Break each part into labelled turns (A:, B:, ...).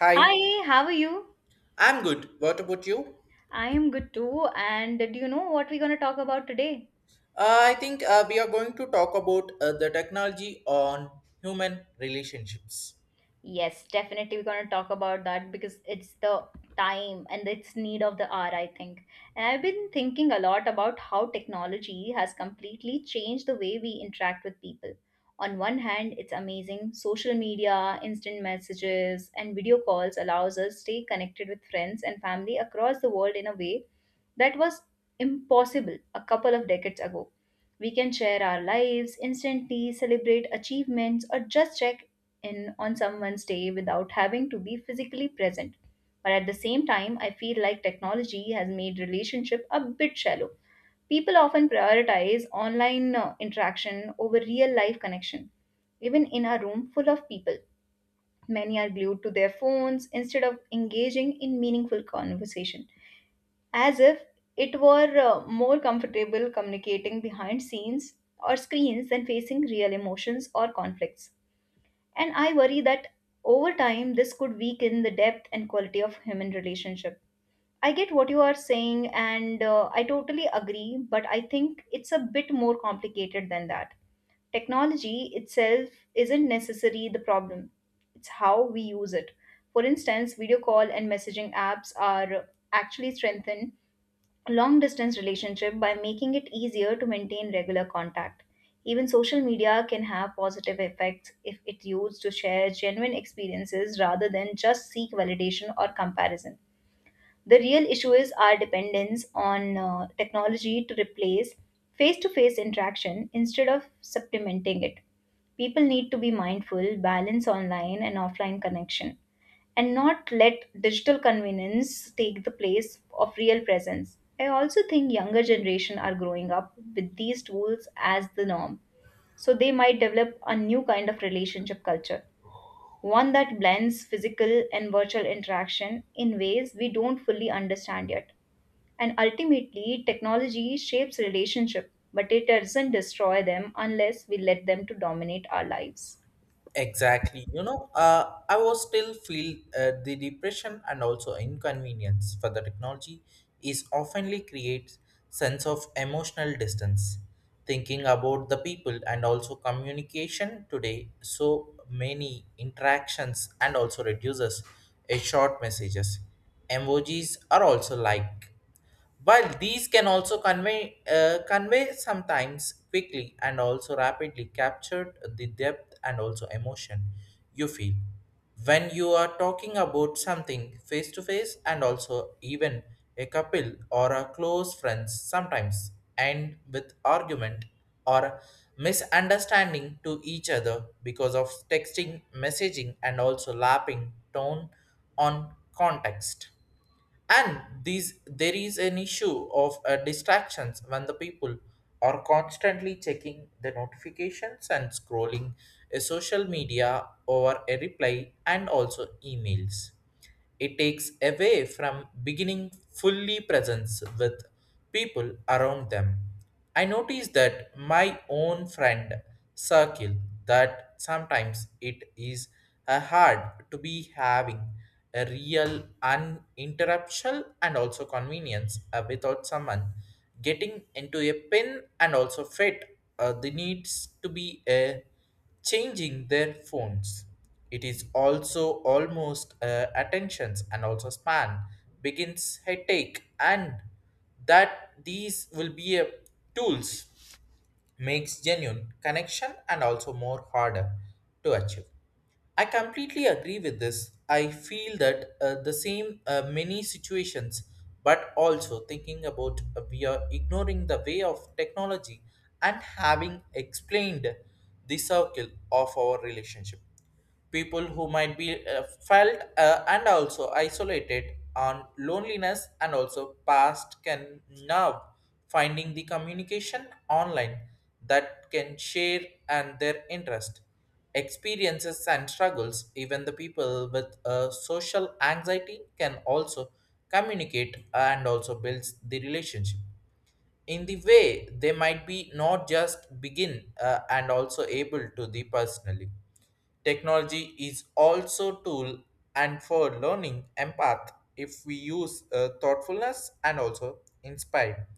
A: Hi,
B: Hi, how are you?
A: I'm good. What about you?
B: I am good too. And do you know what we're going to talk about today?
A: I think we are going to talk about the technology on human relationships.
B: Yes, definitely we're going to talk about that because it's the time and it's need of the hour, I think. And I've been thinking a lot about how technology has completely changed the way we interact with people. On one hand, it's amazing. Social media, instant messages, and video calls allows us to stay connected with friends and family across the world in a way that was impossible a couple of decades ago. We can share our lives, instantly celebrate achievements, or just check in on someone's day without having to be physically present. But at the same time, I feel like technology has made relationship a bit shallow. People often prioritize online interaction over real life connection. Even in a room full of people, many are glued to their phones instead of engaging in meaningful conversation, as if it were more comfortable communicating behind scenes or screens than facing real emotions or conflicts. And I worry that over time this could weaken the depth and quality of human relationship. I get what you are saying and I totally agree, but I think it's a bit more complicated than that. Technology itself isn't necessarily the problem, it's how we use it. For instance, video call and messaging apps are actually strengthened long distance relationship by making it easier to maintain regular contact. Even social media can have positive effects if it's used to share genuine experiences rather than just seek validation or comparison. The real issue is our dependence on technology to replace face to face interaction instead of supplementing it. People need to be mindful, balance online and offline connection and not let digital convenience take the place of real presence. I also think younger generation are growing up with these tools as the norm, so they might develop a new kind of relationship culture, one that blends physical and virtual interaction in ways we don't fully understand yet. And ultimately, technology shapes relationship, but it doesn't destroy them unless we let them to dominate our lives.
A: Exactly. I was still feel the depression and also inconvenience for the technology is oftenly creates sense of emotional distance. Thinking about the people and also communication today, so many interactions and also reduces a short messages. Emojis are also like. While these can also convey, convey sometimes quickly and also rapidly captured the depth and also emotion you feel when you are talking about something face to face and also even a couple or a close friends sometimes end with argument or misunderstanding to each other because of texting messaging and also lapping tone on context, and these there is an issue of distractions when the people are constantly checking the notifications and scrolling a social media or a reply and also emails. It takes away from beginning fully presence with people around them. I notice that my own friend circle, that sometimes it is hard to be having a real uninterruptual and also convenience without someone getting into a pin and also fit the needs to be changing their phones. It is also almost attentions and also span begins headache, and that these will be a tools makes genuine connection and also more harder to achieve. I completely agree with this. I feel that the same many situations, but also thinking about we are ignoring the way of technology and having explained the circle of our relationship. People who might be felt and also isolated on loneliness and also past can now finding the communication online that can share and their interest, experiences and struggles. Even the people with social anxiety can also communicate and also builds the relationship in the way they might be not just begin and also able to the personally. Technology is also tool, and for learning empath, if we use thoughtfulness and also inspire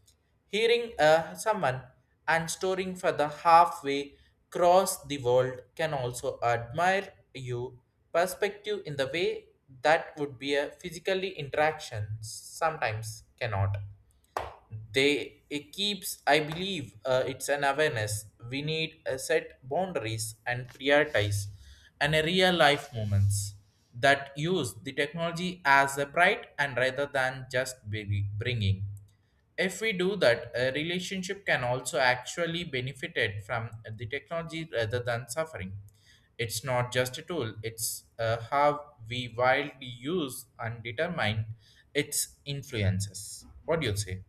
A: hearing someone and storing for the halfway across the world can also admire you perspective in the way that would be a physically interaction sometimes cannot. They it keeps, I believe, it's an awareness. We need a set boundaries and prioritize and a real life moments, that use the technology as a bright and rather than just baby bringing. If we do that, a relationship can also actually benefited from the technology rather than suffering. It's not just a tool, it's how we wildly use and determine its influences. What do you say?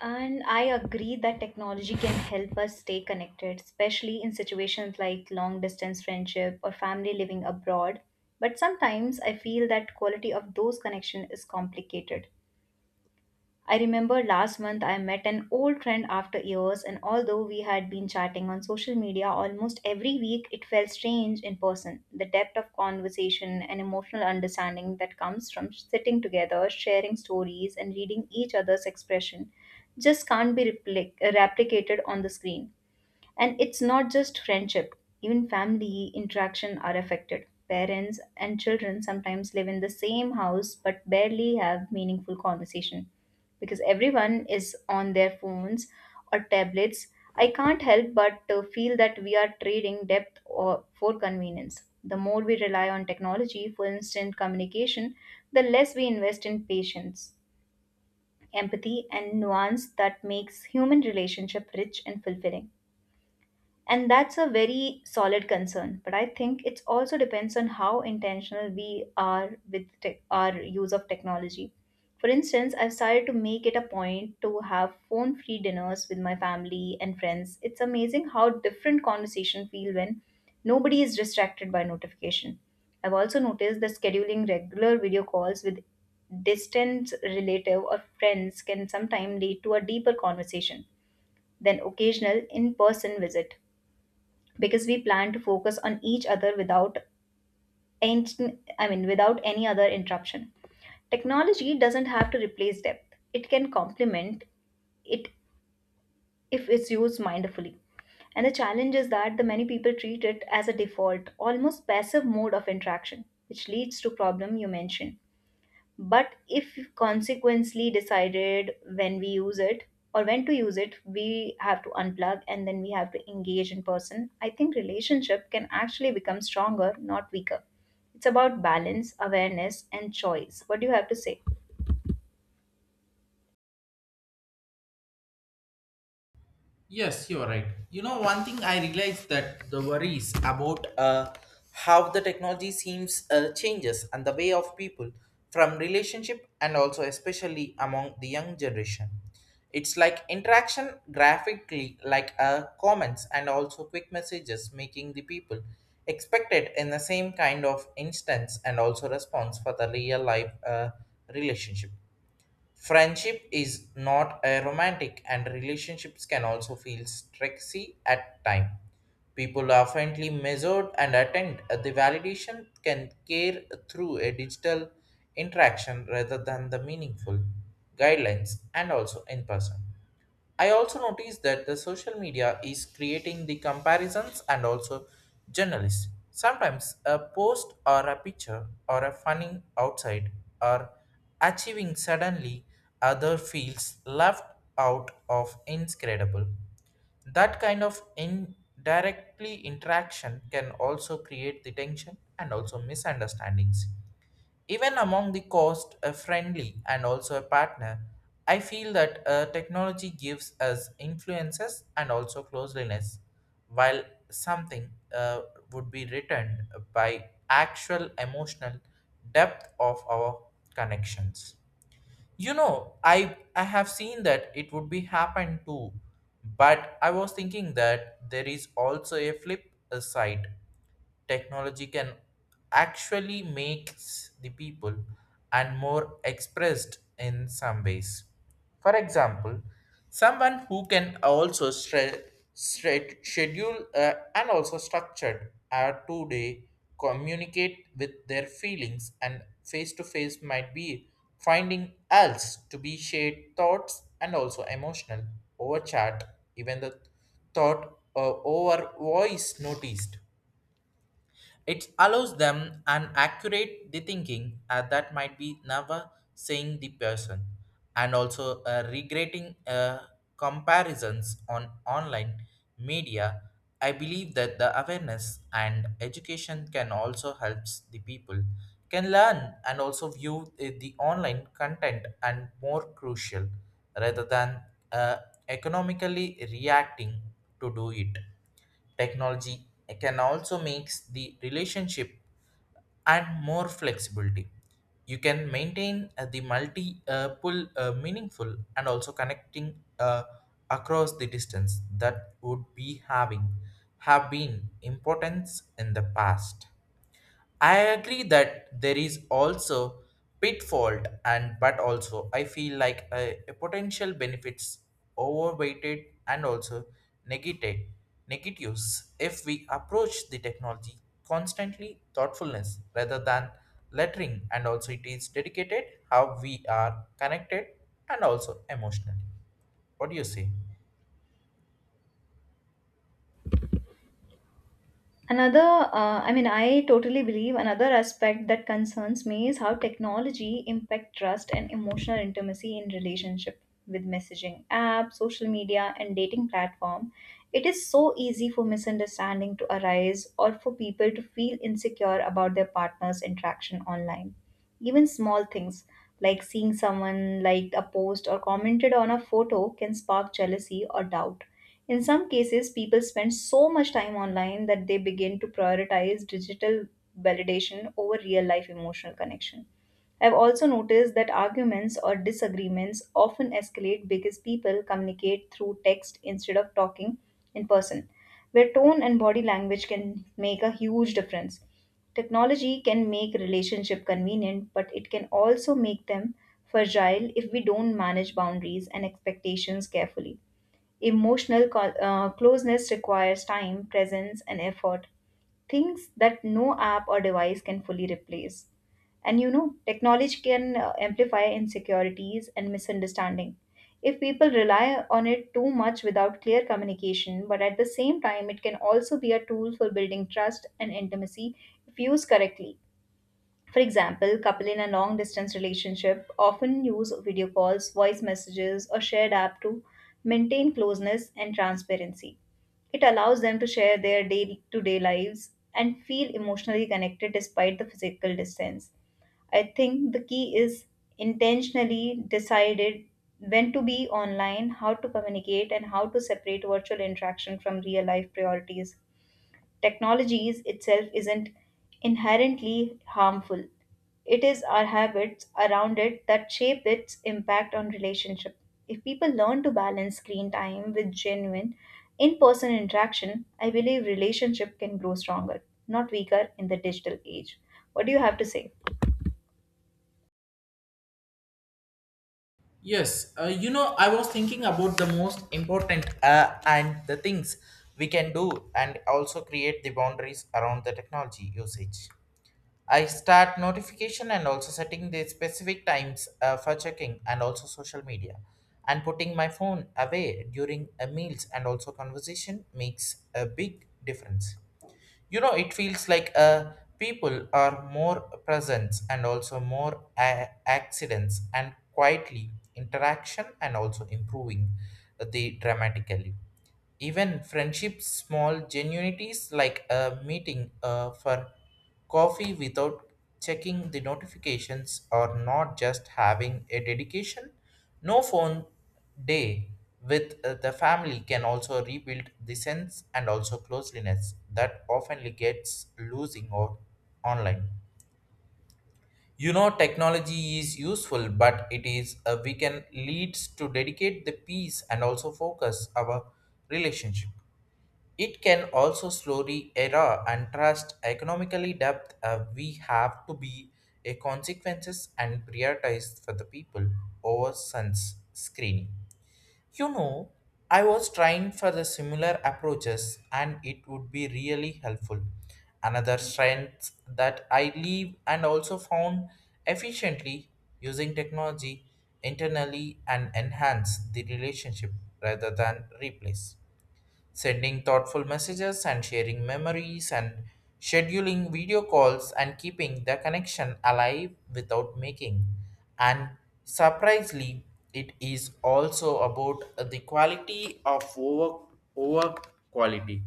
B: And I agree that technology can help us stay connected, especially in situations like long distance friendship or family living abroad. But sometimes I feel that quality of those connections is complicated. I remember last month I met an old friend after years, and although we had been chatting on social media almost every week, it felt strange in person. The depth of conversation and emotional understanding that comes from sitting together, sharing stories, and reading each other's expression just can't be replicated on the screen. And it's not just friendship, even family interaction are affected. Parents and children sometimes live in the same house but barely have meaningful conversation because everyone is on their phones or tablets. I can't help but feel that we are trading depth or for convenience. The more we rely on technology for instant communication, the less we invest in patience, empathy, and nuance that makes human relationship rich and fulfilling. And that's a very solid concern. But I think it also depends on how intentional we are with tech our use of technology. For instance, I've started to make it a point to have phone free dinners with my family and friends. It's amazing how different conversations feel when nobody is distracted by notification. I've also noticed that scheduling regular video calls with distant relative or friends can sometimes lead to a deeper conversation than occasional in-person visit because we plan to focus on each other without any, I mean, without any other interruption. Technology doesn't have to replace depth. It can complement it if it's used mindfully. And the challenge is that the many people treat it as a default, almost passive mode of interaction, which leads to problem you mentioned. But if consequently decided when we use it or when to use it, we have to unplug and then we have to engage in person. I think relationship can actually become stronger, not weaker. It's about balance, awareness, and choice. What do you have to say?
A: Yes, you're right. You know, one thing I realized that the worries about how the technology seems changes and the way of people from relationship, and also especially among the young generation. It's like interaction graphically, like comments and also quick messages, making the people expected in the same kind of instance and also response for the real life relationship. Friendship is not a romantic, and relationships can also feel stressy at times. People are frequently measured and attend the validation can care through a digital interaction rather than the meaningful guidelines and also in person. I also noticed that the social media is creating the comparisons and also journalists. Sometimes a post or a picture or a funny outside or achieving suddenly other feels left out of incredible. That kind of indirectly interaction can also create the tension and also misunderstandings. Even among the cost a friendly and also a partner, I feel that technology gives us influences and also closeliness, while something would be returned by actual emotional depth of our connections. You know, I have seen that it would be happen too, but I was thinking that there is also a flip side. Technology can actually makes the people and more expressed in some ways. For example, someone who can also schedule and also structured a two-day communicate with their feelings and face-to-face might be finding else to be shared thoughts and also emotional over chat, even the thought over voice noticed. It allows them an accurate the thinking that might be never seeing the person, and also regretting comparisons on online media. I believe that the awareness and education can also helps the people can learn and also view the online content and more crucial rather than uh, economically reacting to do it. Technology can also makes the relationship and more flexibility. You can maintain the multi pull meaningful and also connecting across the distance that would be having have been importance in the past. I agree that there is also pitfall, and but also I feel like a potential benefits overweighted and also negated negatives if we approach the technology constantly thoughtfulness rather than lettering and also it is dedicated how we are connected and also emotionally. What do you say?
B: I mean, I totally believe another aspect that concerns me is how technology impact trust and emotional intimacy in relationship with messaging apps, social media, and dating platform. It is so easy for misunderstanding to arise or for people to feel insecure about their partner's interaction online. Even small things like seeing someone liked a post or commented on a photo can spark jealousy or doubt. In some cases, people spend so much time online that they begin to prioritize digital validation over real life emotional connection. I've also noticed that arguments or disagreements often escalate because people communicate through text instead of talking in person, where tone and body language can make a huge difference. Technology can make relationship convenient, but it can also make them fragile if we don't manage boundaries and expectations carefully. Emotional closeness requires time, presence, and effort, things that no app or device can fully replace. And you know, technology can amplify insecurities and misunderstanding. If people rely on it too much without clear communication, but at the same time, it can also be a tool for building trust and intimacy if used correctly. For example, couple in a long distance relationship often use video calls, voice messages, or shared app to maintain closeness and transparency. It allows them to share their day to day lives and feel emotionally connected despite the physical distance. I think the key is intentionally decided when to be online, how to communicate, and how to separate virtual interaction from real life priorities. Technologies itself isn't inherently harmful. It is our habits around it that shape its impact on relationship. If people learn to balance screen time with genuine in-person interaction, I believe relationship can grow stronger, not weaker in the digital age. What do you have to say?
A: Yes, you know, I was thinking about the most important and the things we can do and also create the boundaries around the technology usage. I start notification and also setting the specific times for checking and also social media, and putting my phone away during meals and also conversation makes a big difference. You know, it feels like people are more present and also more accidents and quietly interaction and also improving the dramatically. Even friendships small genuinities, like a meeting for coffee without checking the notifications, or not just having a dedication no phone day with the family can also rebuild the sense and also closeliness that often gets losing out online. You know, technology is useful, but it is we can leads to dedicate the peace and also focus our relationship. It can also slowly erode and trust economically depth. We have to be a consequences and prioritize for the people over suns screening. You know, I was trying for the similar approaches and it would be really helpful. Another strength that I leave and also found efficiently using technology internally and enhance the relationship rather than replace, sending thoughtful messages and sharing memories and scheduling video calls and keeping the connection alive without making. And surprisingly, it is also about the quality of over quality.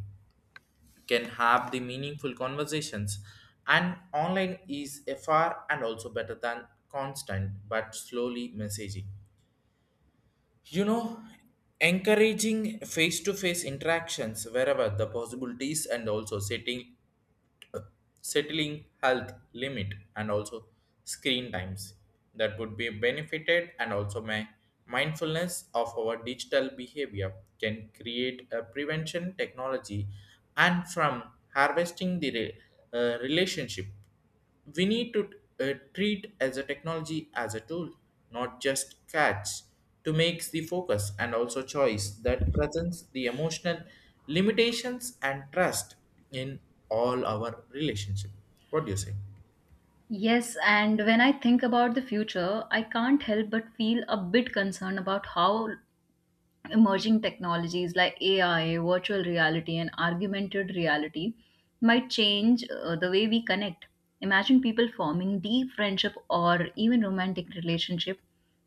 A: Can have the meaningful conversations and online is a far and also better than constant but slowly messaging. You know, encouraging face-to-face interactions wherever the possibilities, and also setting settling health limit and also screen times that would be benefited, and also my mindfulness of our digital behavior can create a prevention technology and from harvesting the relationship. We need to treat as a technology as a tool, not just catch to make the focus and also choice that presents the emotional limitations and trust in all our relationship. What do you say?
B: Yes, and when I think about the future, I can't help but feel a bit concerned about how emerging technologies like AI, virtual reality, and augmented reality might change the way we connect. Imagine people forming deep friendship or even romantic relationship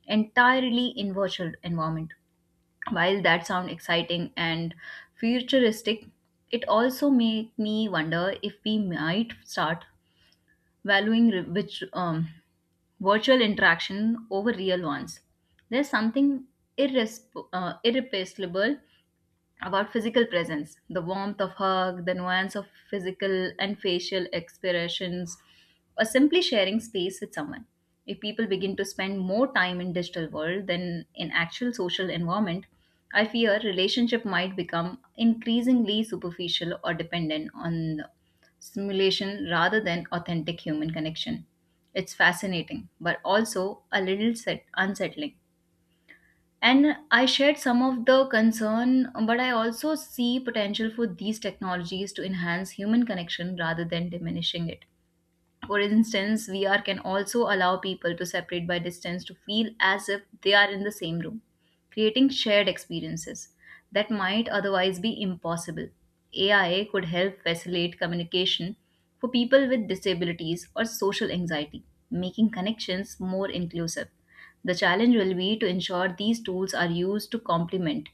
B: entirely in virtual environment. While that sound exciting and futuristic, it also make me wonder if we might start valuing re- which virtual interaction over real ones. There's something irreplaceable about physical presence, the warmth of hug, the nuance of physical and facial expressions, or simply sharing space with someone. If people begin to spend more time in digital world than in actual social environment, I fear relationship might become increasingly superficial or dependent on simulation rather than authentic human connection. It's fascinating but also a little unsettling. And I shared some of the concern, but I also see potential for these technologies to enhance human connection rather than diminishing it. For instance, VR can also allow people to separate by distance to feel as if they are in the same room, creating shared experiences that might otherwise be impossible. AI could help facilitate communication for people with disabilities or social anxiety, making connections more inclusive. The challenge will be to ensure these tools are used to complement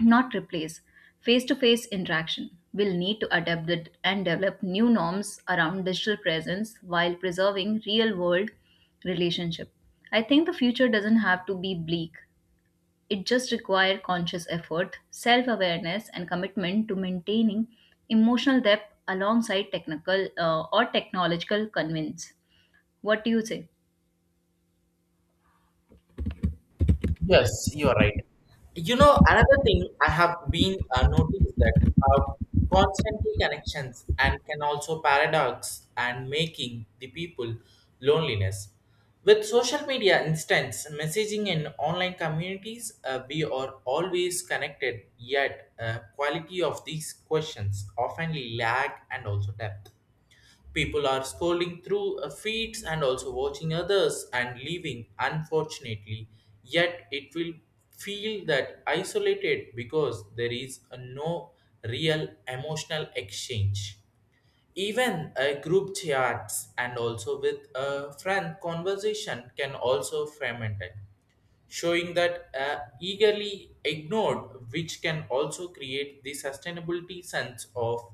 B: not replace face to face interaction. We'll need to adapt it and develop new norms around digital presence while preserving real world relationship. I think the future doesn't have to be bleak. It just requires conscious effort, self awareness, and commitment to maintaining emotional depth alongside technical or technological convenience. What do you say?
A: Yes, you are right. You know, another thing I have been noticed that constantly connections and can also paradox and making the people loneliness. With social media instance messaging in online communities, we are always connected. Yet, quality of these questions often lack and also depth. People are scrolling through feeds and also watching others and leaving, unfortunately. Yet it will feel that isolated because there is a no real emotional exchange. Even a group chats and also with a friend conversation can also fragment showing that eagerly ignored, which can also create the sustainability sense of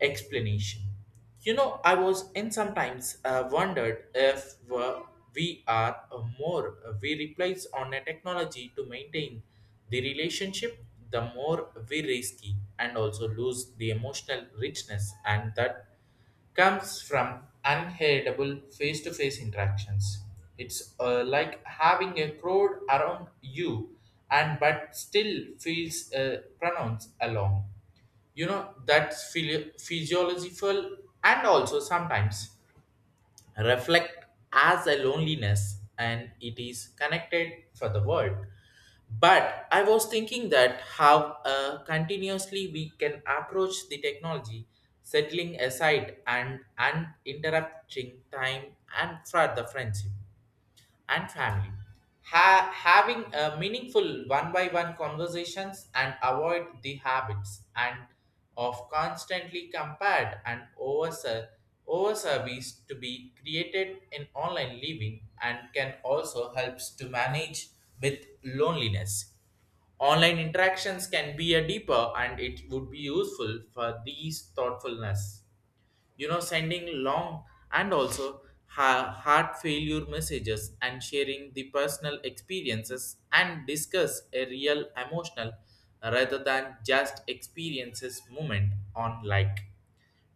A: explanation. You know, I was in sometimes wondered if we are more we replace on a technology to maintain the relationship, the more we risky and also lose the emotional richness, and that comes from unheritable face-to-face interactions. It's like having a crowd around you, and but still feels pronounced along. You know that's physiological, and also sometimes reflect as a loneliness, and it is connected for the world. But I was thinking that how continuously we can approach the technology settling aside and uninterrupting time and for the friendship and family. Having a meaningful one-by-one conversations and avoid the habits and of constantly compared and over service to be created in online living and can also helps to manage with loneliness. Online interactions can be a deeper and it would be useful for these thoughtfulness. You know, sending long and also heart failure messages and sharing the personal experiences and discuss a real emotional rather than just experiences moment on like.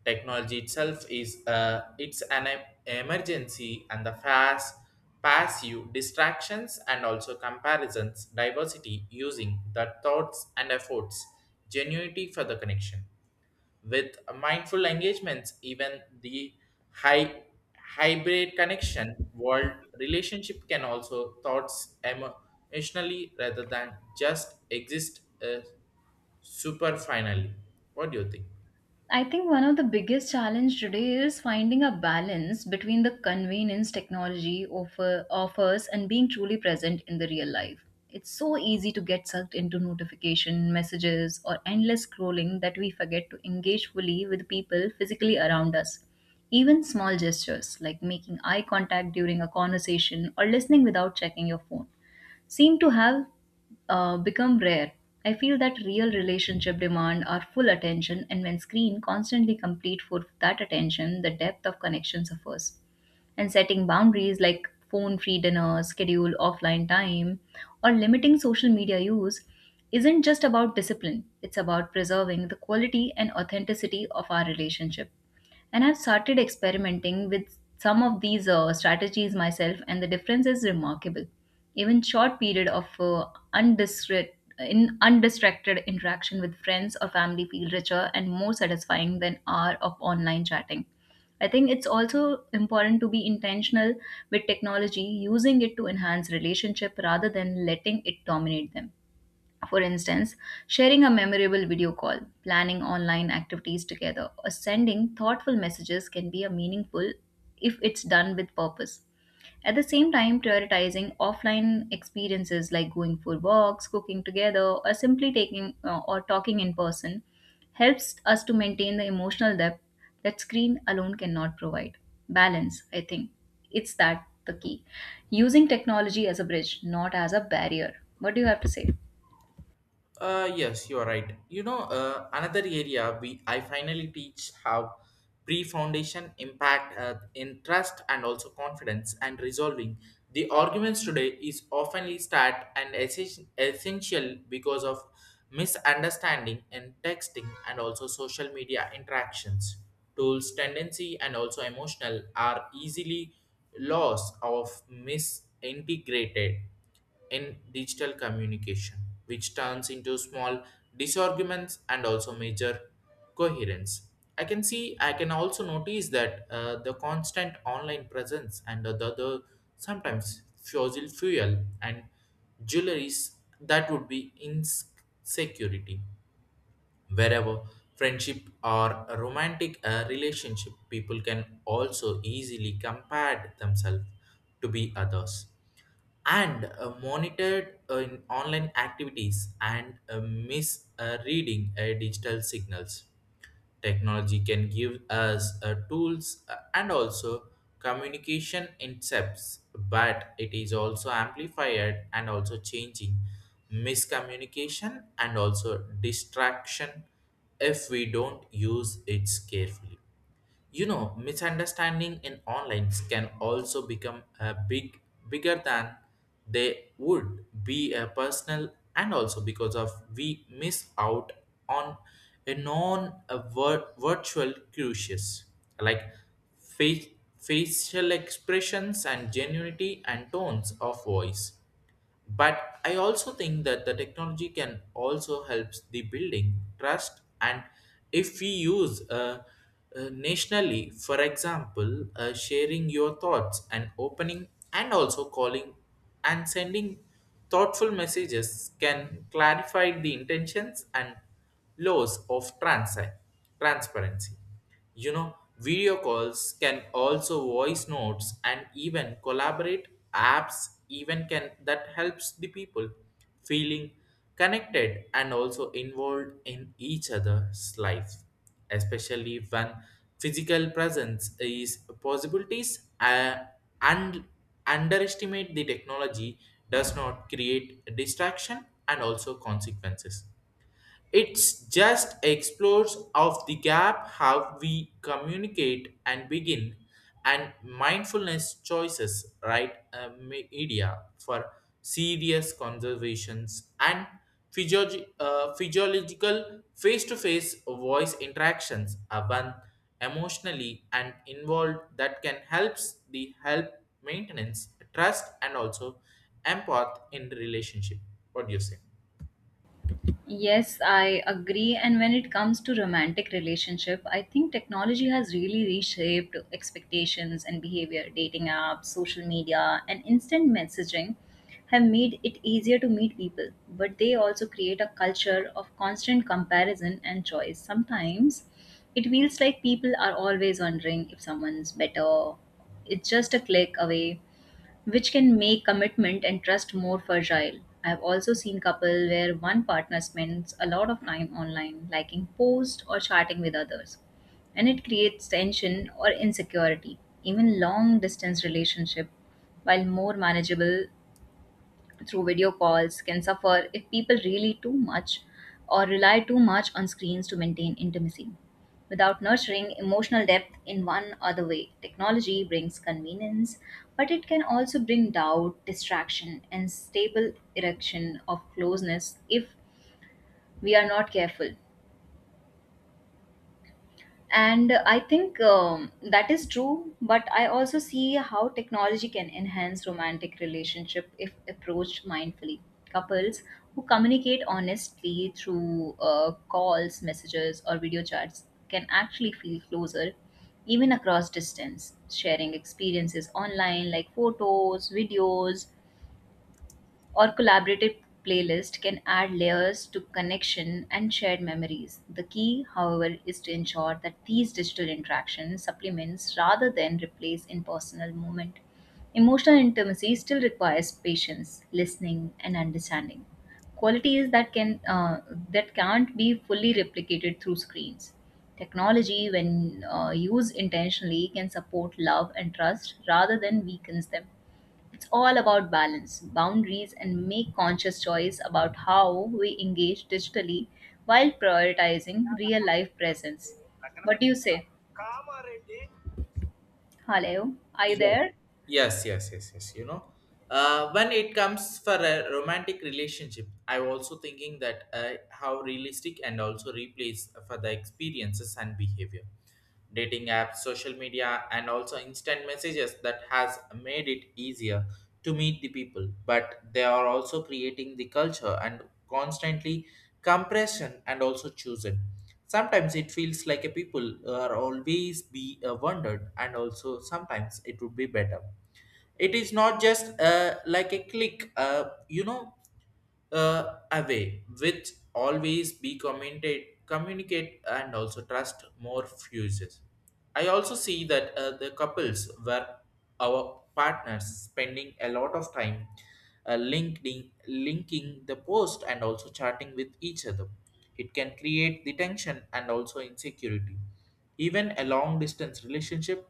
A: Technology itself is it's an emergency and the fast passive distractions and also comparisons diversity using the thoughts and efforts genuinity for the connection with mindful engagements. Even the high hybrid connection world relationship can also thoughts emotionally rather than just exist super finally. What do you think?
B: I think one of the biggest challenge today is finding a balance between the convenience technology offers and being truly present in the real life. It's so easy to get sucked into notification messages or endless scrolling that we forget to engage fully with people physically around us. Even small gestures like making eye contact during a conversation or listening without checking your phone seem to have become rare. I feel that real relationship demand our full attention, and when screen constantly compete for that attention, the depth of connection suffers. And setting boundaries like phone free dinner, schedule offline time, or limiting social media use isn't just about discipline, it's about preserving the quality and authenticity of our relationship. And I've started experimenting with some of these strategies myself, and the difference is remarkable. Even short period of undistra- in undistracted interaction with friends or family feel richer and more satisfying than hour of online chatting. I think it's also important to be intentional with technology, using it to enhance relationship rather than letting it dominate them. For instance, sharing a memorable video call, planning online activities together, or sending thoughtful messages can be a meaningful if it's done with purpose. At the same time, prioritizing offline experiences like going for walks, cooking together, or simply taking or talking in person helps us to maintain the emotional depth that screen alone cannot provide. Balance, I think, it's that the key. Using technology as a bridge, not as a barrier. What do you have to say?
A: Yes, you are right. You know, another area we I finally teach how pre-foundation impact in trust and also confidence and resolving the arguments today is oftenly start and essential because of misunderstanding and texting and also social media interactions. Tools tendency and also emotional are easily lost of misintegrated in digital communication, which turns into small disarguments and also major coherence. I can see, I can also notice that the constant online presence and the sometimes fossil fuel and jewelries that would be insecurity. Wherever friendship or a romantic relationship, people can also easily compare themselves to be others and monitored in online activities and misreading digital signals. Technology can give us tools and also communication incepts, but it is also amplified and also changing miscommunication and also distraction if we don't use it carefully. You know, misunderstanding in online can also become a big bigger than they would be a personal and also because of we miss out on a non a virtual crucius like face, facial expressions and genuinity and tones of voice. But I also think that the technology can also helps the building trust. And if we use nationally, for example, sharing your thoughts and opening and also calling and sending thoughtful messages can clarify the intentions and laws of transparency. You know, video calls can also voice notes and even collaborate apps even can that helps the people feeling connected and also involved in each other's life, especially when physical presence is possibilities and underestimate the technology does not create distraction and also consequences. It's just explores of the gap how we communicate and begin and mindfulness choices, right? Media for serious conversations and physiological face-to-face voice interactions are one emotionally and involved that can helps the help maintenance trust and also empath in the relationship. What do you say?
B: Yes, I agree. And when it comes to romantic relationship, I think technology has really reshaped expectations and behavior. Dating apps, social media, and instant messaging have made it easier to meet people, but they also create a culture of constant comparison and choice. Sometimes it feels like people are always wondering if someone's better. It's just a click away which can make commitment and trust more fragile. I've also seen couples where one partner spends a lot of time online, liking posts or chatting with others, and it creates tension or insecurity. Even long distance relationship, while more manageable, through video calls can suffer if people really too much or rely too much on screens to maintain intimacy. Without nurturing emotional depth in one other way, technology brings convenience, but it can also bring doubt, distraction, and stable erection of closeness if we are not careful. And I think that is true, but I also see how technology can enhance romantic relationship if approached mindfully. Couples who communicate honestly through calls messages or video chats can actually feel closer even across distance. Sharing experiences online like photos videos or collaborative playlist can add layers to connection and shared memories. The key, however, is to ensure that these digital interactions supplements rather than replace in-personal moment. Emotional intimacy still requires patience, listening, and understanding. Qualities that can't be fully replicated through screens. Technology, when used intentionally, can support love and trust rather than weakens them. It's all about balance, boundaries, and make conscious choice about how we engage digitally while prioritizing real life presence. What do you say? Hello, are you
A: Yes,
B: there?
A: yes, yes, yes, yes. You know, when it comes for a romantic relationship, I'm also thinking that how realistic and also replace for the experiences and behavior. Dating apps, social media, and also instant messages that has made it easier to meet the people, but they are also creating the culture and constantly compression and also chosen. Sometimes it feels like a people are always be wondered, and also sometimes it would be better. It is not just like a click, you know, away, which always be communicate and also trust more fuses. I also see that the couples were our partners spending a lot of time linking the post and also chatting with each other. It can create the tension and also insecurity. Even a long distance relationship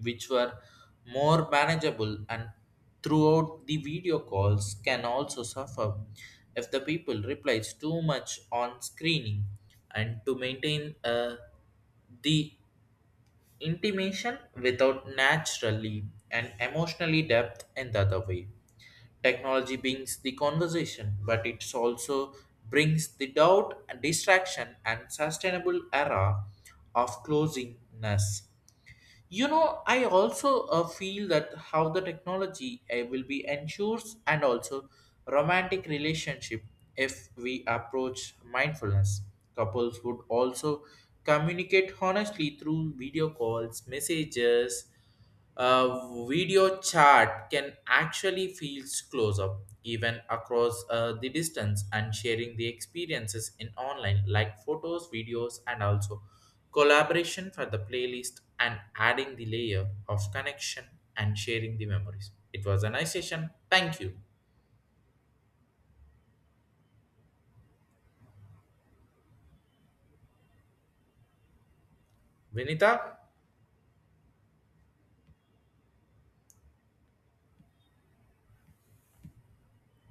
A: which were more manageable and throughout the video calls can also suffer if the people replies too much on screening and to maintain the intimation without naturally and emotionally depth in the other way. Technology brings the conversation, but it also brings the doubt, distraction, and sustainable era of closingness. You know, I also feel that how the technology will be ensures and also romantic relationship if we approach mindfulness. Couples would also communicate honestly through video calls, messages, a video chat can actually feel closer, even across the distance, and sharing the experiences in online, like photos, videos, and also collaboration for the playlist and adding the layer of connection and sharing the memories. It was a nice session. Thank you, Vinita.